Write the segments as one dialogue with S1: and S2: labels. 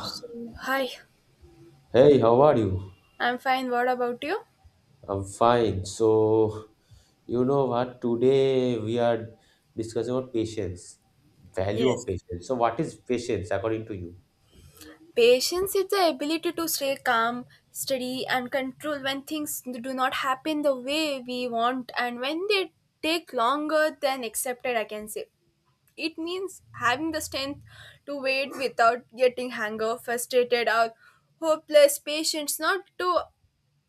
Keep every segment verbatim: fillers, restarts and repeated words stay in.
S1: So, hi,
S2: Hey, how are you?
S1: I'm fine. What about you?
S2: I'm fine. So, you know what? Today we are discussing about patience, value
S1: Yes.
S2: of patience. So, what is patience according to you?
S1: Patience is the ability to stay calm, steady, and control when things do not happen the way we want and when they take longer than accepted, I can say. It means having the strength to wait without getting anger, frustrated, or hopeless. Patience not to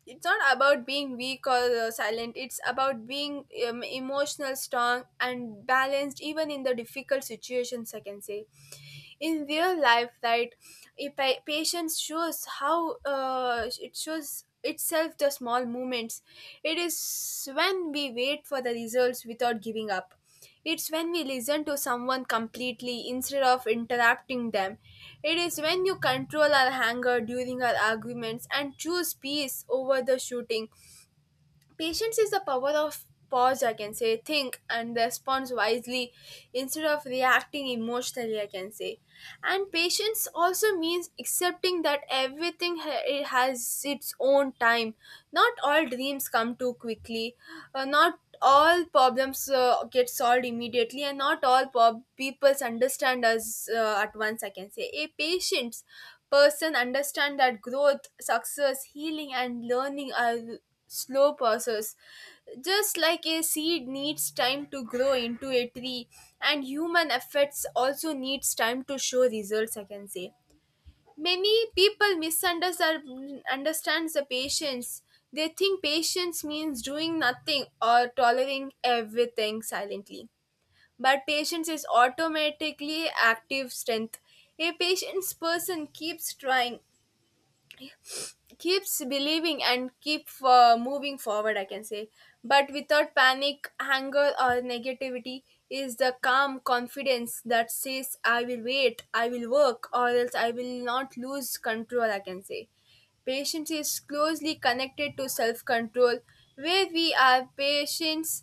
S1: It's not about being weak or uh, silent, it's about being um, emotional strong and balanced even in the difficult situations, I can say. In real life, right? if pa- Patience shows how, uh, it shows itself the small moments. It is when we wait for the results without giving up. It's when we listen to someone completely instead of interrupting them. It is when you control our anger during our arguments and choose peace over the shooting. Patience is the power of pause, I can say, think and respond wisely instead of reacting emotionally, I can say. And patience also means accepting that everything ha- it has its own time. Not all dreams come too quickly, uh, not all problems uh, get solved immediately, and not all po- peoples understand us uh, at once, I can say. A patient person understand that growth, success, healing, and learning are slow process, just like a seed needs time to grow into a tree, and human efforts also needs time to show results, I can say. Many people misunderstand the patience. They think patience means doing nothing or tolerating everything silently, but patience is automatically active strength. A patient person keeps trying, keeps believing, and keep uh, moving forward, I can say, but without panic anger or negativity. Is the calm confidence that says I will wait, I will work, or else I will not lose control, I can say. Patience is closely connected to self control. Where we are patients,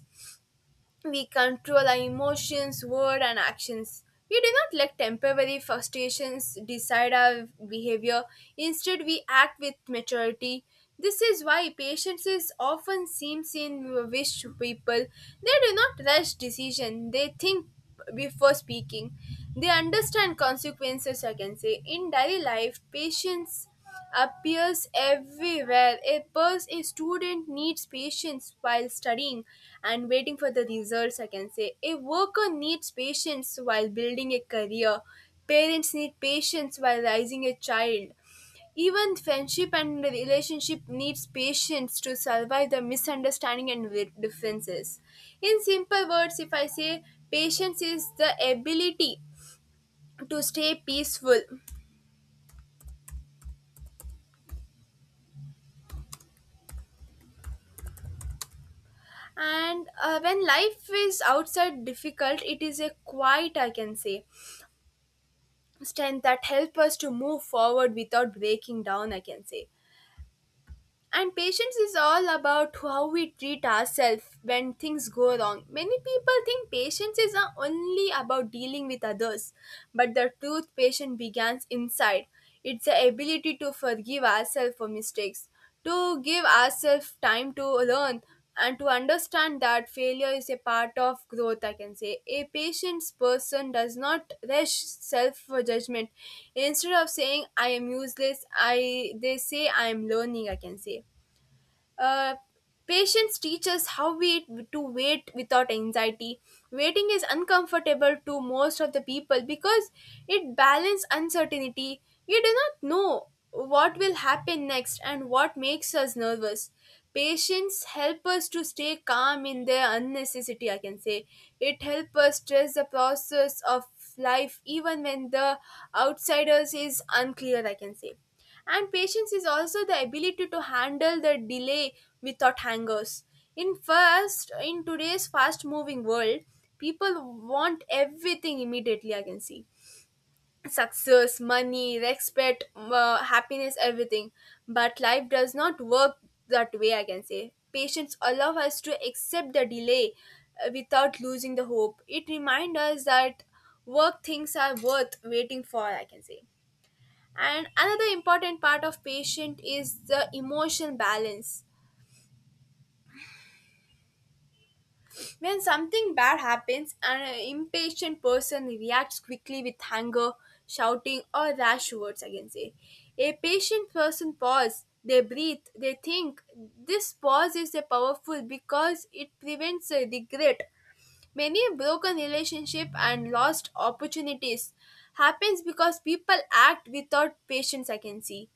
S1: we control our emotions, word, and actions. We do not let temporary frustrations decide our behavior. Instead, we act with maturity. This is why patience is often seen in wish people. They do not rush decision. They think before speaking. They understand consequences, I can say. In daily life, patience appears everywhere. A person a student needs patience while studying and waiting for the results, I can say. A worker needs patience while building a career. Parents need patience while raising a child. Even friendship and relationship needs patience to survive the misunderstanding and wi- differences. In simple words, if I say, patience is the ability to stay peaceful and, uh, when life is outside difficult, it is a quiet, I can say, strength that help us to move forward without breaking down, I can say. And patience is all about how we treat ourselves when things go wrong. Many people think patience is, uh, only about dealing with others, but the truth patience begins inside. It's the ability to forgive ourselves for mistakes, to give ourselves time to learn, and to understand that failure is a part of growth, I can say. A patient person does not rush self for judgment. Instead of saying I am useless, I they say I am learning, I can say. uh, Patience teaches how we to wait without anxiety. Waiting is uncomfortable to most of the people because it balances uncertainty. You do not know what will happen next and what makes us nervous. Patience helps us to stay calm in the unnecessity, I can say. It helps us stress the process of life even when the outsiders is unclear, I can say. And patience is also the ability to handle the delay without hangers. In first, in today's fast-moving world, people want everything immediately, I can see. Success, money, respect, uh, happiness, everything. But life does not work that way, I can say. Patience allow us to accept the delay uh, without losing the hope. It reminds us that work things are worth waiting for, I can say. And another important part of patient is the emotional balance. When something bad happens, an impatient person reacts quickly with anger, shouting, or rash words, I can say. A patient person pause, they breathe, they think. This pause is a powerful because it prevents a regret. Many broken relationship and lost opportunities happens because people act without patience, I can see.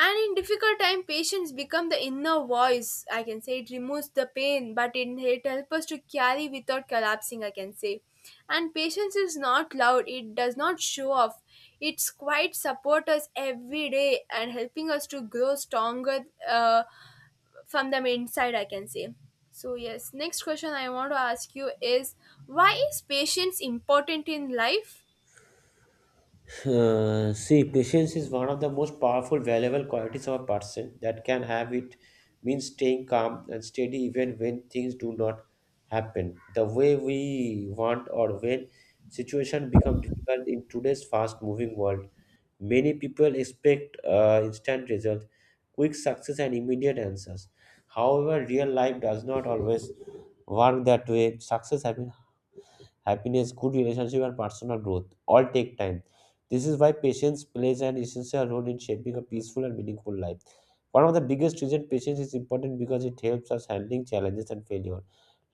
S1: And in difficult time, patience become the inner voice. I can say it removes the pain, but it, it helps us to carry without collapsing, I can say. And patience is not loud. It does not show off. It's quite support us every day and helping us to grow stronger uh, from the inside, I can say. So yes, next question I want to ask you is, why is patience important in life?
S2: Uh, see, patience is one of the most powerful, valuable qualities of a person that can have. It means staying calm and steady even when things do not happen the way we want or when situation become difficult in today's fast-moving world. Many people expect uh, instant result, quick success, and immediate answers. However, real life does not always work that way. Success happens happiness, good relationship, and personal growth all take time. This is why patience plays an essential role in shaping a peaceful and meaningful life. One of the biggest reasons patience is important because it helps us handling challenges and failure.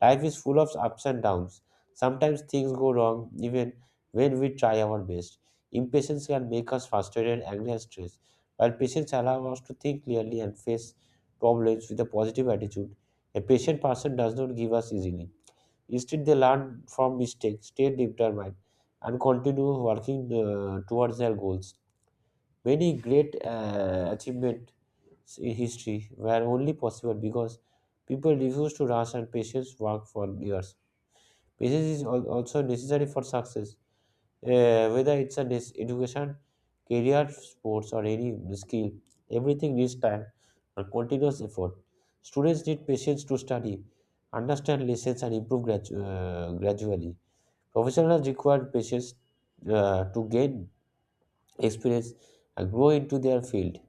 S2: Life is full of ups and downs. Sometimes things go wrong even when we try our best. Impatience can make us frustrated, angry, and stressed. While patience allows us to think clearly and face problems with a positive attitude, a patient person does not give us easily. Instead, they learn from mistakes, stay determined, and continue working uh, towards their goals. Many great uh, achievements in history were only possible because people refused to rush and patience work for years. Patience is al- also necessary for success, uh, whether it's an es- education, career, sports, or any skill. Everything needs time and continuous effort. Students need patience to study, understand lessons, and improve gradu- uh, gradually. Professionals require patience uh, to gain experience and grow into their field.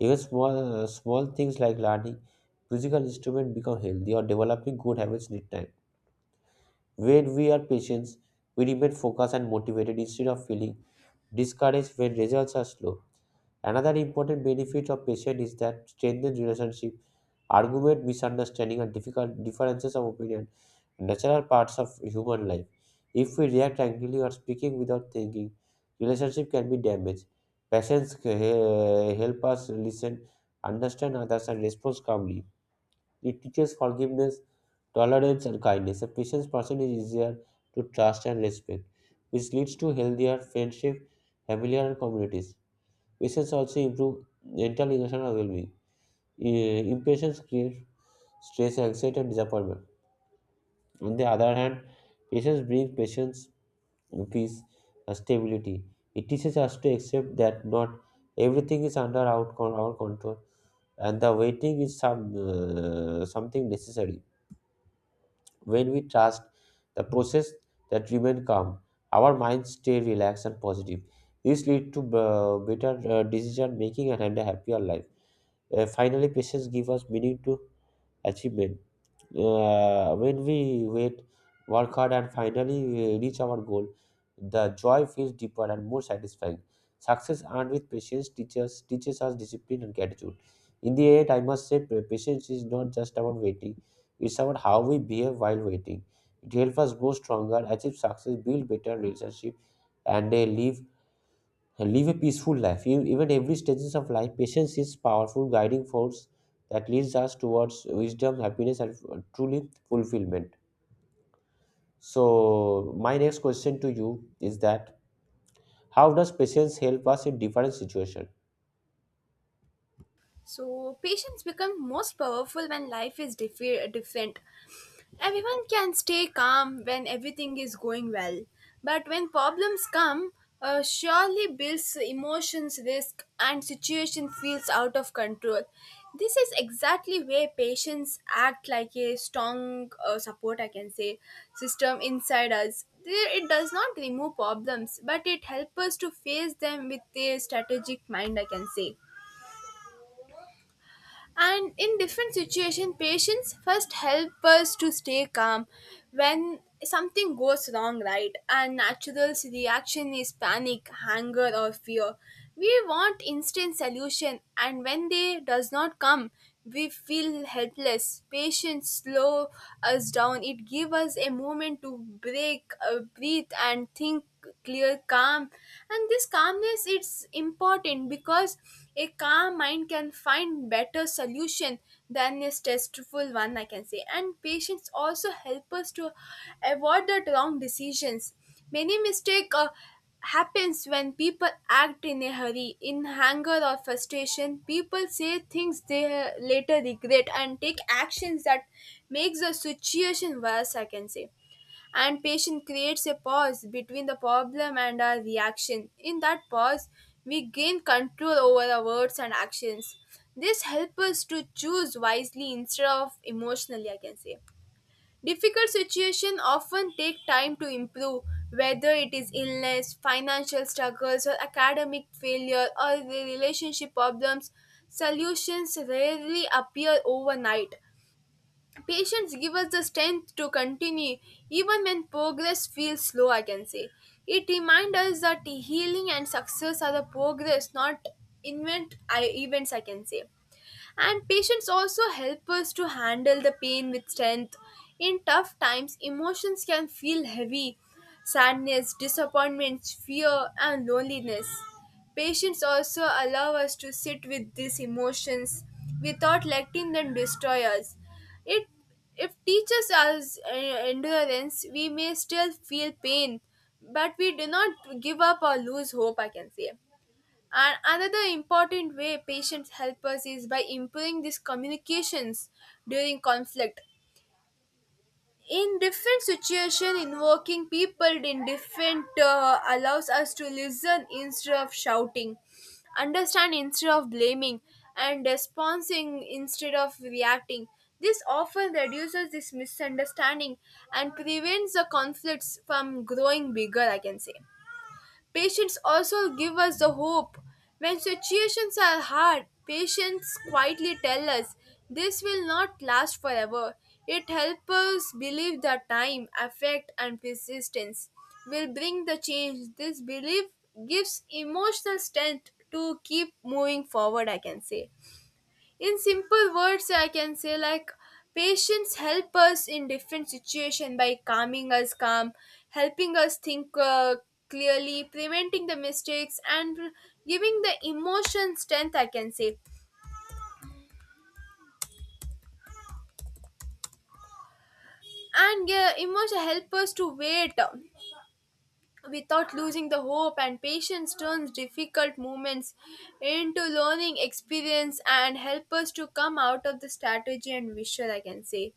S2: Even small, uh, small things like learning musical instrument become healthy or developing good habits need time. When we are patient, we remain focused and motivated instead of feeling discouraged when results are slow. Another important benefit of patience is that strengthens relationship, argument, misunderstanding, and difficult differences of opinion natural parts of human life. If we react angrily or speaking without thinking, relationship can be damaged. Patience uh, help us listen, understand others, and respond calmly. It teaches forgiveness, tolerance, and kindness. A patient person is easier to trust and respect, which leads to healthier friendship, familiar, and communities. Patience also improve mental emotional well-being. Uh, impatience creates stress, anxiety, and disappointment. On the other hand, patience brings patience, peace, and stability. It teaches us to accept that not everything is under our, con- our control and the waiting is some uh, something necessary. When we trust the process that remain calm, our minds stay relaxed and positive. This leads to uh, better uh, decision making and a happier life. Uh, finally, patience gives us meaning to achievement uh, when we wait, work hard, and finally uh, reach our goal, the joy feels deeper and more satisfying. Success earned with patience teaches teaches us discipline and gratitude. In the end, I must say, pa- patience is not just about waiting; it's about how we behave while waiting. It helps us grow stronger, achieve success, build better relationship, and uh, live live a peaceful life. In even every stages of life, patience is powerful guiding force that leads us towards wisdom, happiness, and uh, truly fulfillment. So, my next question to you is that how does patience help us in different situation?
S1: So, patience becomes most powerful when life is diffi- different. Everyone can stay calm when everything is going well, but when problems come, uh, surely builds emotions, risk, and situation feels out of control. This is exactly where patients act like a strong uh, support, I can say, system inside us. There- It does not remove problems, but it helps us to face them with a strategic mind, I can say. And in different situations, patience first help us to stay calm when something goes wrong, right? And natural reaction is panic, anger, or fear. We want instant solution, and when they does not come, we feel helpless. Patience slow us down. It give us a moment to break, uh, breathe, and think clear, calm. And this calmness it's important because a calm mind can find better solution than a stressful one, I can say. And patience also help us to avoid the wrong decisions. Many mistake uh, happens when people act in a hurry, in anger or frustration. People say things they uh, later regret and take actions that makes the situation worse, I can say. And patience creates a pause between the problem and our reaction. In that pause, we gain control over our words and actions. This helps us to choose wisely instead of emotionally, I can say. Difficult situations often take time to improve, whether it is illness, financial struggles, or academic failure, or the relationship problems. Solutions rarely appear overnight. Patience gives us the strength to continue even when progress feels slow, I can say. It reminds us that healing and success are the progress, not invent I- events, I can say. And patience also help us to handle the pain with strength. In tough times, emotions can feel heavy sadness, disappointment, fear, and loneliness. Patience also allow us to sit with these emotions without letting them destroy us. It if teaches us uh, endurance, we may still feel pain, but we do not give up or lose hope, I can say. And another important way patients help us is by improving these communications during conflict. In different situation, invoking people in different, uh, allows us to listen instead of shouting, understand instead of blaming, and responding instead of reacting. This often reduces this misunderstanding and prevents the conflicts from growing bigger, I can say. Patience also give us the hope. When situations are hard, patience quietly tell us this will not last forever. It helps us believe that time, effort, and persistence will bring the change. This belief gives emotional strength to keep moving forward, I can say. In simple words, I can say like, patience help us in different situation by calming us calm, helping us think uh, clearly, preventing the mistakes, and giving the emotion strength, I can say. And uh, emotion help us to wait without losing the hope, and patience turns difficult moments into learning experience and help us to come out of the strategy and visual, I can say.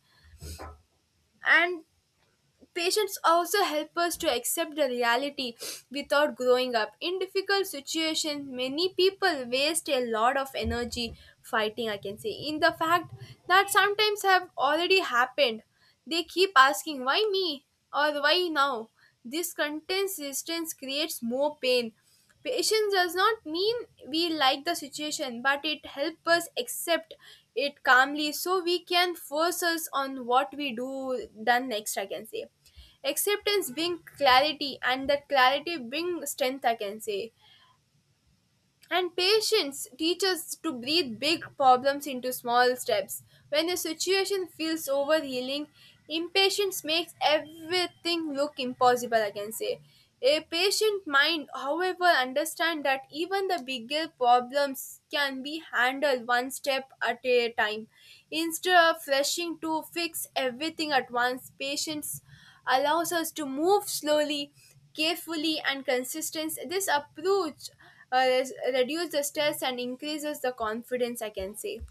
S1: And patience also help us to accept the reality without growing up. In difficult situations, many people waste a lot of energy fighting, I can say. In the fact that sometimes have already happened, they keep asking, why me? Or why now? This constant resistance creates more pain. Patience does not mean we like the situation, but it helps us accept it calmly so we can force us on what we do done next, I can say. Acceptance bring clarity and that clarity bring strength, I can say. And patience teaches to breathe big problems into small steps. When the situation feels overwhelming, impatience makes everything look impossible, I can say. A patient mind, however, understands that even the bigger problems can be handled one step at a time. Instead of rushing to fix everything at once, patience allows us to move slowly, carefully, and consistently. This approach uh, res- reduce the stress and increases the confidence I can say.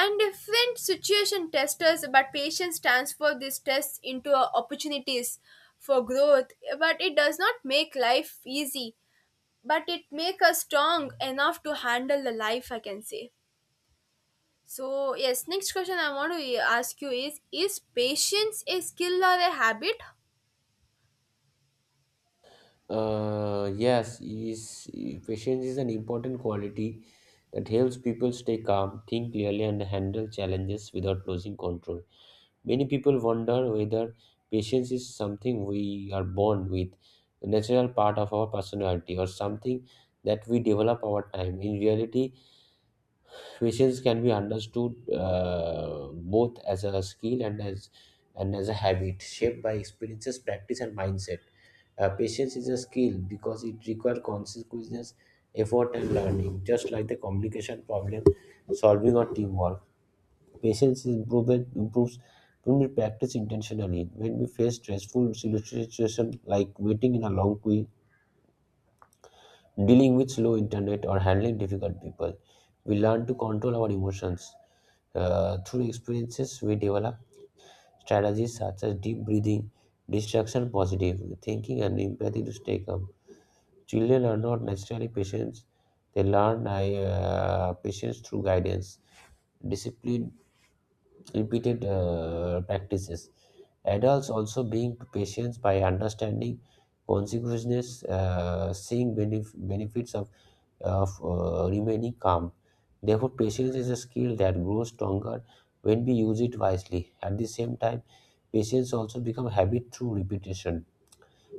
S1: And different situation testers but patients transfer this stress into uh, opportunities for growth, but it does not make life easy, but it make us strong enough to handle the life I can say. So yes, next question I want to ask you is is patience a skill or a habit?
S2: Uh, yes, is patience is an important quality that helps people stay calm, think clearly, and handle challenges without losing control. Many people wonder whether patience is something we are born with, a natural part of our personality, or something that we develop over time. In reality, patience can be understood uh, both as a skill and as and as a habit shaped by experiences, practice, and mindset. Uh, patience is a skill because it requires consequence, effort, and learning, just like the communication problem solving or teamwork. Patience is improvement improves when we practice intentionally. When we face stressful situations like waiting in a long queue, dealing with slow internet, or handling difficult people, we learn to control our emotions. Uh, through experiences, we develop strategies such as deep breathing, distraction positive thinking, and empathy to stay calm. Children are not naturally patient; they learn uh, patience through guidance discipline repeated uh, practices. Adults also being patient by understanding consequences, uh, seeing benef- benefits of, of uh, remaining calm. Therefore, patience is a skill that grows stronger when we use it wisely. At the same time, patience also becomes habit through repetition.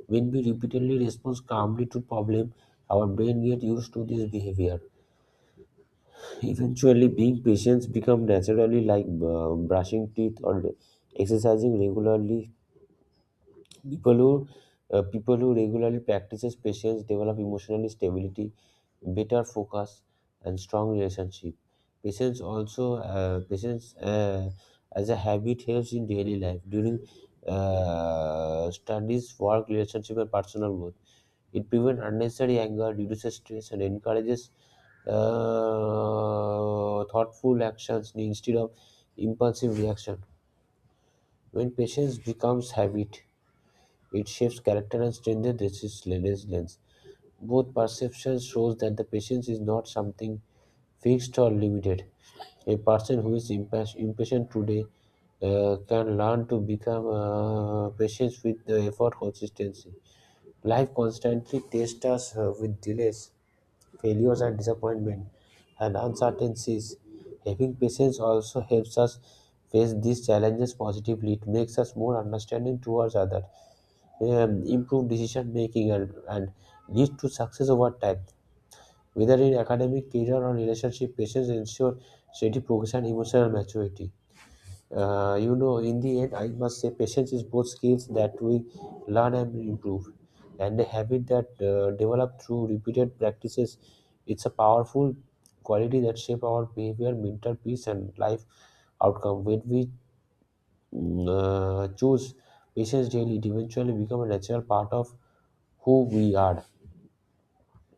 S2: When we repeatedly respond calmly to problem, our brain gets used to this behavior. Eventually, being patient become naturally like uh, brushing teeth or exercising regularly. People who uh, people who regularly practices patience develop emotional stability better focus, and strong relationship. Patience also uh, patience uh, as a habit helps in daily life during uh, studies, work, relationship, and personal growth. It prevents unnecessary anger, reduces stress, and encourages uh, thoughtful actions instead of impulsive reaction. When patience becomes habit, it shapes character and strengthens resilience. Both perceptions shows that the patience is not something fixed or limited. A person who is impas- impatient today uh, can learn to become uh, patient with the effort consistency. Life constantly tests us uh, with delays, failures, and disappointment, and uncertainties. Having patience also helps us face these challenges positively. It makes us more understanding towards others, um, improve decision making, and, and leads to success over time whether in academic, career, or relationship, patience ensure steady progress and emotional maturity. Uh, you know, in the end, I must say, patience is both skills that we learn and improve, and a habit that uh, developed through repeated practices. It's a powerful quality that shape our behavior, mental peace, and life outcome. When we mm, uh, choose patience daily, it eventually become a natural part of who we are.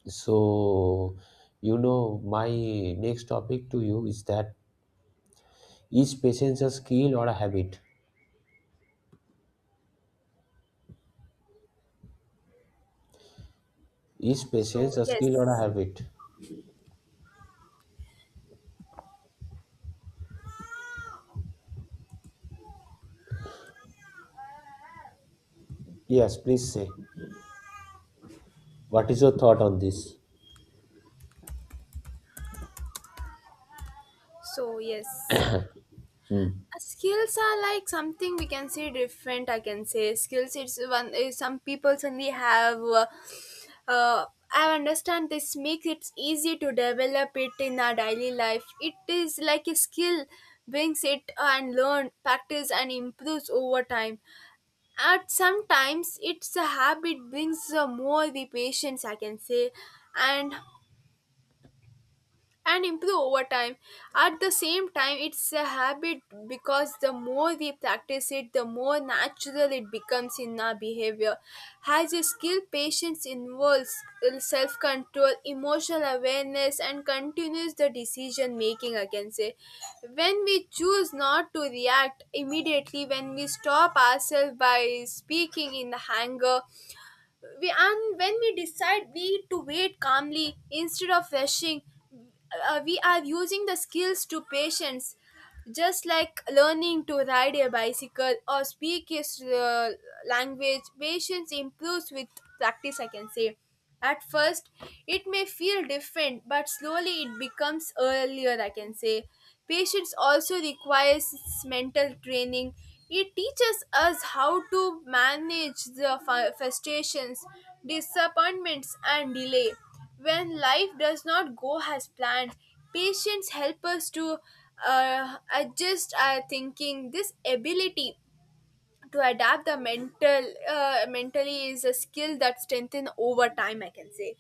S2: So, you know, my next topic to you is that is patience a skill or a habit? Is
S1: so
S2: patience a skill or a
S1: yes
S2: habit? Yes, please say. What is your thought on this?
S1: so yes Uh, skills are like something we can say different I can say, skills it's one is some people suddenly have uh, uh, I understand this makes it easy to develop it in our daily life. It is like a skill brings it and learn practice and improves over time. At sometimes it's a habit brings uh, more the patience I can say, and and improve over time. At the same time, it's a habit because the more we practice it, the more natural it becomes in our behavior. As a skill, patience involves self control, emotional awareness, and continues the decision making, I can say. When we choose not to react immediately, when we stop ourselves by speaking in the anger, we and when we decide we to wait calmly instead of rushing, uh, we are using the skills to patience. Just like learning to ride a bicycle or speak a s- uh, language, patience improves with practice I can say. At first it may feel different, but slowly it becomes earlier I can say. Patience also requires mental training. It teaches us how to manage the fu- frustrations, disappointments, and delay. When life does not go as planned, patience helps us to uh, adjust our thinking. This ability to adapt the mental uh, mentally is a skill that strengthens over time I can say.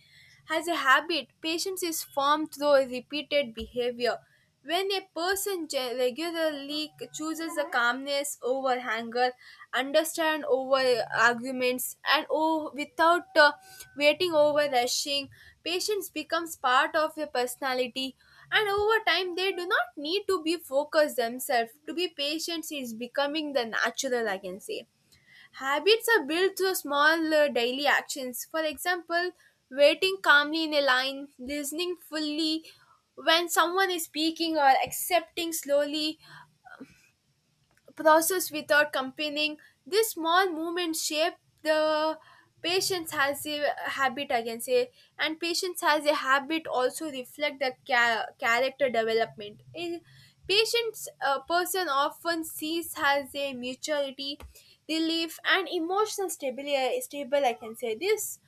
S1: As a habit, patience is formed through repeated behavior. When a person ge- regularly chooses the calmness over anger, understand over arguments, and oh without uh, waiting over rushing, patience becomes part of a personality, and over time, they do not need to be focused themselves. To be patient is becoming the natural, I can say. Habits are built through small uh, daily actions. For example, waiting calmly in a line, listening fully when someone is speaking, or accepting slowly process without complaining. This small movement shape the patients has a habit I can say, and patients has a habit also reflect the ca- character development. In patients, a person often sees has a maturity, relief and emotional stability stable I can say this.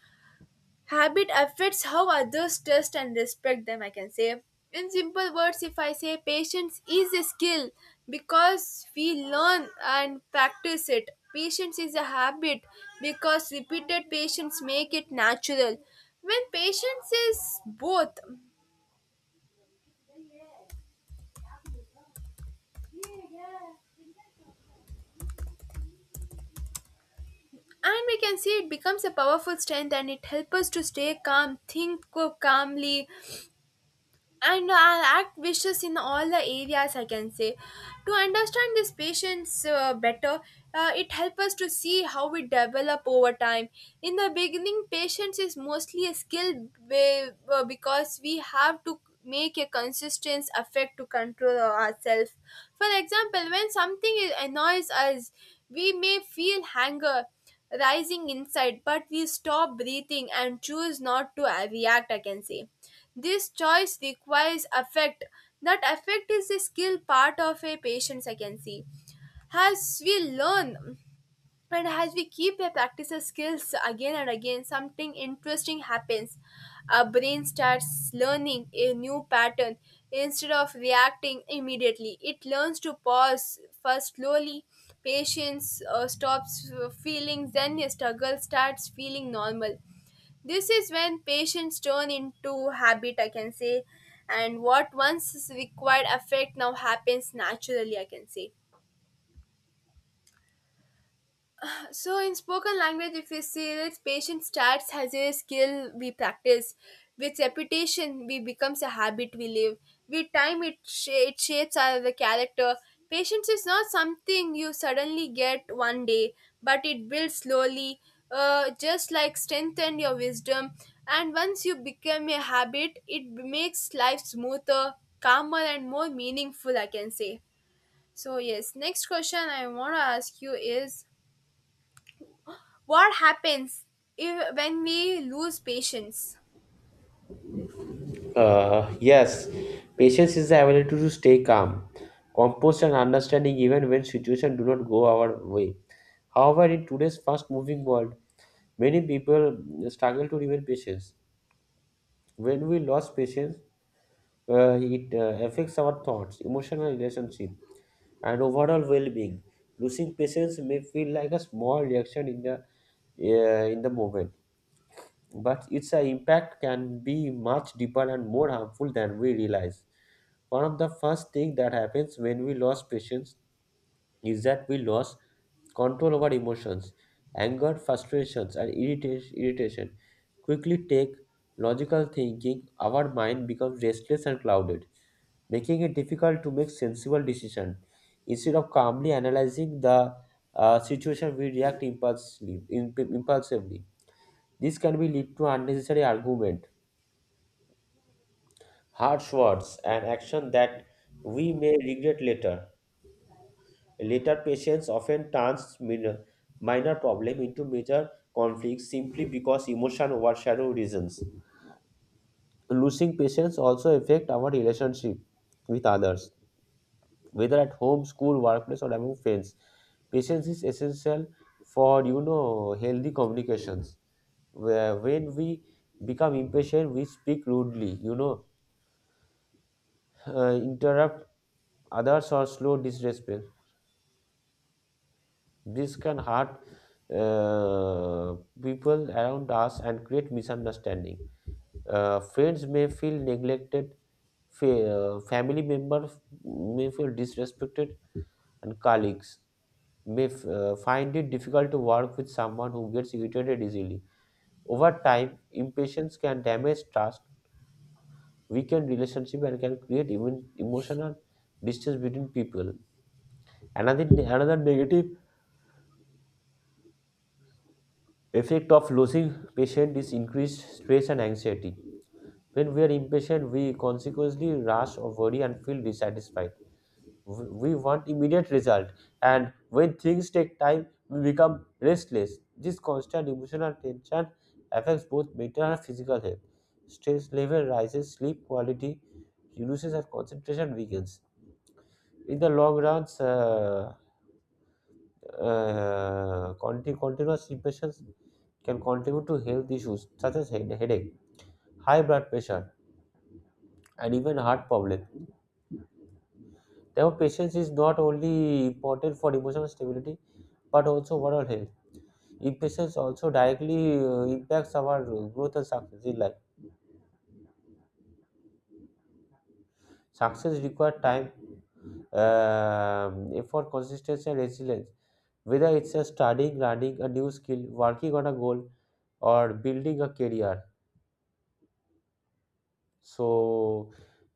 S1: Habit affects how others trust and respect them, I can say. In simple words, if I say patience is a skill because we learn and practice it. Patience is a habit because repeated patience make it natural. When patience is both, and we can see it becomes a powerful strength, and it helps us to stay calm, think co- calmly, and uh, act vicious in all the areas I can say. To understand these patients uh, better, uh, it helps us to see how we develop over time. In the beginning, patience is mostly a skill be- uh, because we have to make a consistent effect to control ourselves. For example, when something annoys us, we may feel anger rising inside, but we stop breathing and choose not to uh, react, I can say. This choice requires affect. That affect is a skill part of a patience, I can see. As we learn and as we keep a practice skills again and again, something interesting happens. Our brain starts learning a new pattern instead of reacting immediately. It learns to pause first slowly. Patience uh, stops uh, feeling, then a struggle starts feeling normal. This is when patience turn into habit, I can say, and what once is required effect now happens naturally, I can say. So in spoken language, if we see it, patient starts as a skill we practice. With repetition, we becomes a habit we live. With time, it, sh- it shapes our character. Patience is not something you suddenly get one day, but it builds slowly, uh, just like strength and your wisdom. And once you become a habit, it makes life smoother, calmer, and more meaningful, I can say. So yes, next question I want to ask you is, what happens if, when we lose patience?
S2: Uh, yes, patience is the ability to stay calm, composed, and understanding even when situations do not go our way. However, in today's fast-moving world, many people struggle to remain patient. When we lose patience, uh, it uh, affects our thoughts, emotional relationship, and overall well-being. Losing patience may feel like a small reaction in the uh, in the moment, but its uh, impact can be much deeper and more harmful than we realize. One of the first things that happens when we lose patience is that we lose control over emotions. Anger, frustrations, and irrita- irritation quickly take logical thinking. Our mind becomes restless and clouded making it difficult to make sensible decision. Instead of calmly analyzing the uh, situation, we react impulsively. imp- impulsively. This can be lead to unnecessary argument, harsh words, and action that we may regret later. Later, patients often turns minor, minor problem into major conflicts simply because emotion overshadow reasons. Losing patience also affect our relationship with others, whether at home school workplace or among friends. Patience is essential for, you know, healthy communications where when we become impatient, we speak rudely, you know, uh, interrupt others or slow disrespect. This can hurt uh, people around us and create misunderstanding. Uh, friends may feel neglected, fa- uh, family members may feel disrespected, and colleagues may uh, find it difficult to work with someone who gets irritated easily. Over time, impatience can damage trust, weaken relationship, and can create even emotional distance between people. Another another negative effect of losing patience is increased stress and anxiety. When we are impatient, we consequently rush or worry and feel dissatisfied. We want immediate result, and when things take time, we become restless. This constant emotional tension affects both mental and physical health. Stress level rises, sleep quality reduces, and concentration weakens. In the long run, uh, uh, conti- continuous impressions can contribute to health issues such as head- headache, high blood pressure, and even heart problems. Therefore, patience is not only important for emotional stability but also overall health. Impatience also directly uh, impacts our growth and success in life. Success requires time, um, effort, consistency, and resilience. Whether it's a studying, learning a new skill, working on a goal, or building a career. So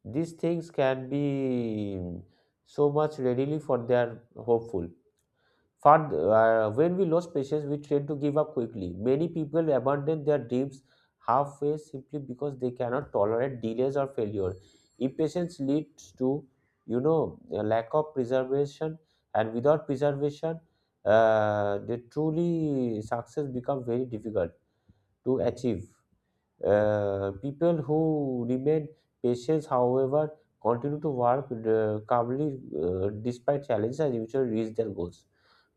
S2: these things can be so much readily for their hopeful. For uh, When we lose patience, we tend to give up quickly. Many people abandon their dreams halfway simply because they cannot tolerate delays or failure. Impatience leads to, you know, a lack of preservation, and without preservation, uh, the truly success becomes very difficult to achieve. Uh, people who remain patient, however, continue to work uh, calmly uh, despite challenges and eventually reach their goals.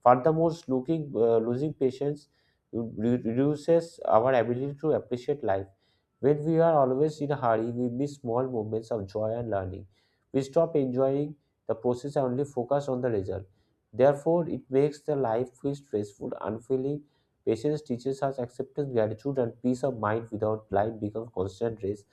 S2: Furthermore, looking, uh, losing patience re- reduces our ability to appreciate life. When we are always in a hurry, we miss small moments of joy and learning. We stop enjoying the process and only focus on the result. Therefore, it makes the life feel stressful, unfulfilling. Patience teaches us acceptance, gratitude, and peace of mind without life becomes constant race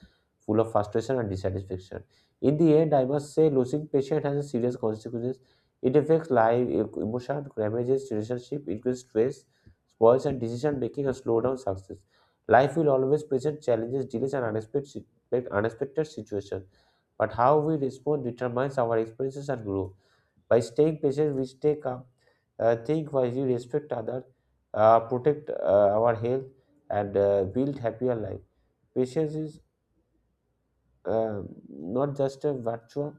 S2: full of frustration and dissatisfaction. In the end, I must say losing patience has a serious consequences. It affects life, e- emotion, damages relationship, increases stress, spoils and decision making, and slow down success. Life will always present challenges, delays, and unexpected, unexpected situations, but how we respond determines our experiences and growth. By staying patient we stay calm, uh, think wisely, respect others, uh, protect uh, our health, and uh, build happier life. Patience is uh, not just a virtue,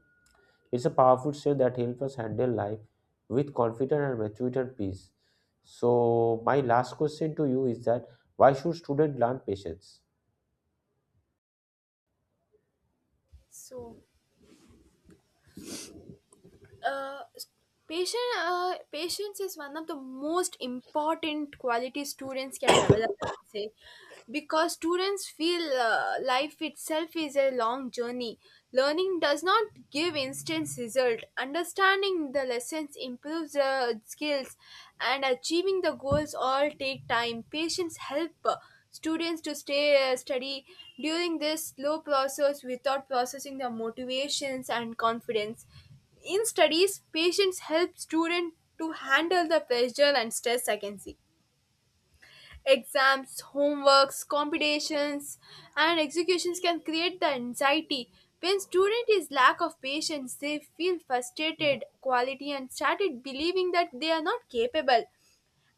S2: it's a powerful strength that helps us handle life with confidence and maturity and peace. So, my last question to you is that why should students learn patience?
S1: So uh, patient uh, patience is one of the most important qualities students can develop I would say, because students feel uh, life itself is a long journey. Learning does not give instant result, understanding the lessons improves the skills, and achieving the goals all take time. Patience help uh, students to stay uh, study during this slow process without processing their motivations and confidence. In studies, patience help students to handle the pressure and stress I can see. Exams, homeworks, competitions, and executions can create the anxiety. When student is lack of patience, they feel frustrated quality and started believing that they are not capable.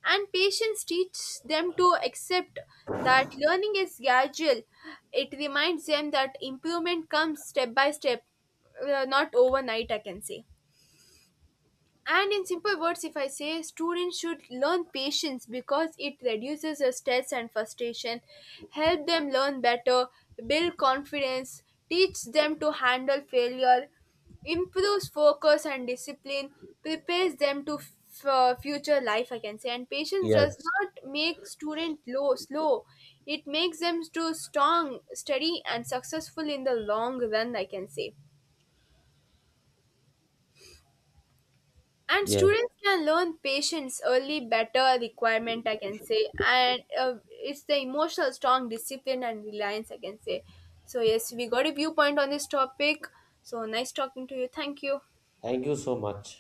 S1: And patience teach them to accept that learning is gradual. It reminds them that improvement comes step by step, uh, not overnight, I can say. And in simple words, if I say students should learn patience because it reduces the stress and frustration, help them learn better, build confidence, teach them to handle failure, improves focus and discipline, prepares them to f- uh, future life, I can say. And patience does
S2: Yes.
S1: not make student low slow; it makes them to strong, steady, and successful in the long run, I can say. And
S2: Yes.
S1: students can learn patience early better requirement I can say, and uh, it's the emotional strong discipline and reliance I can say. So yes, we got a viewpoint on this topic. So nice talking to you, thank you.
S2: Thank you so much.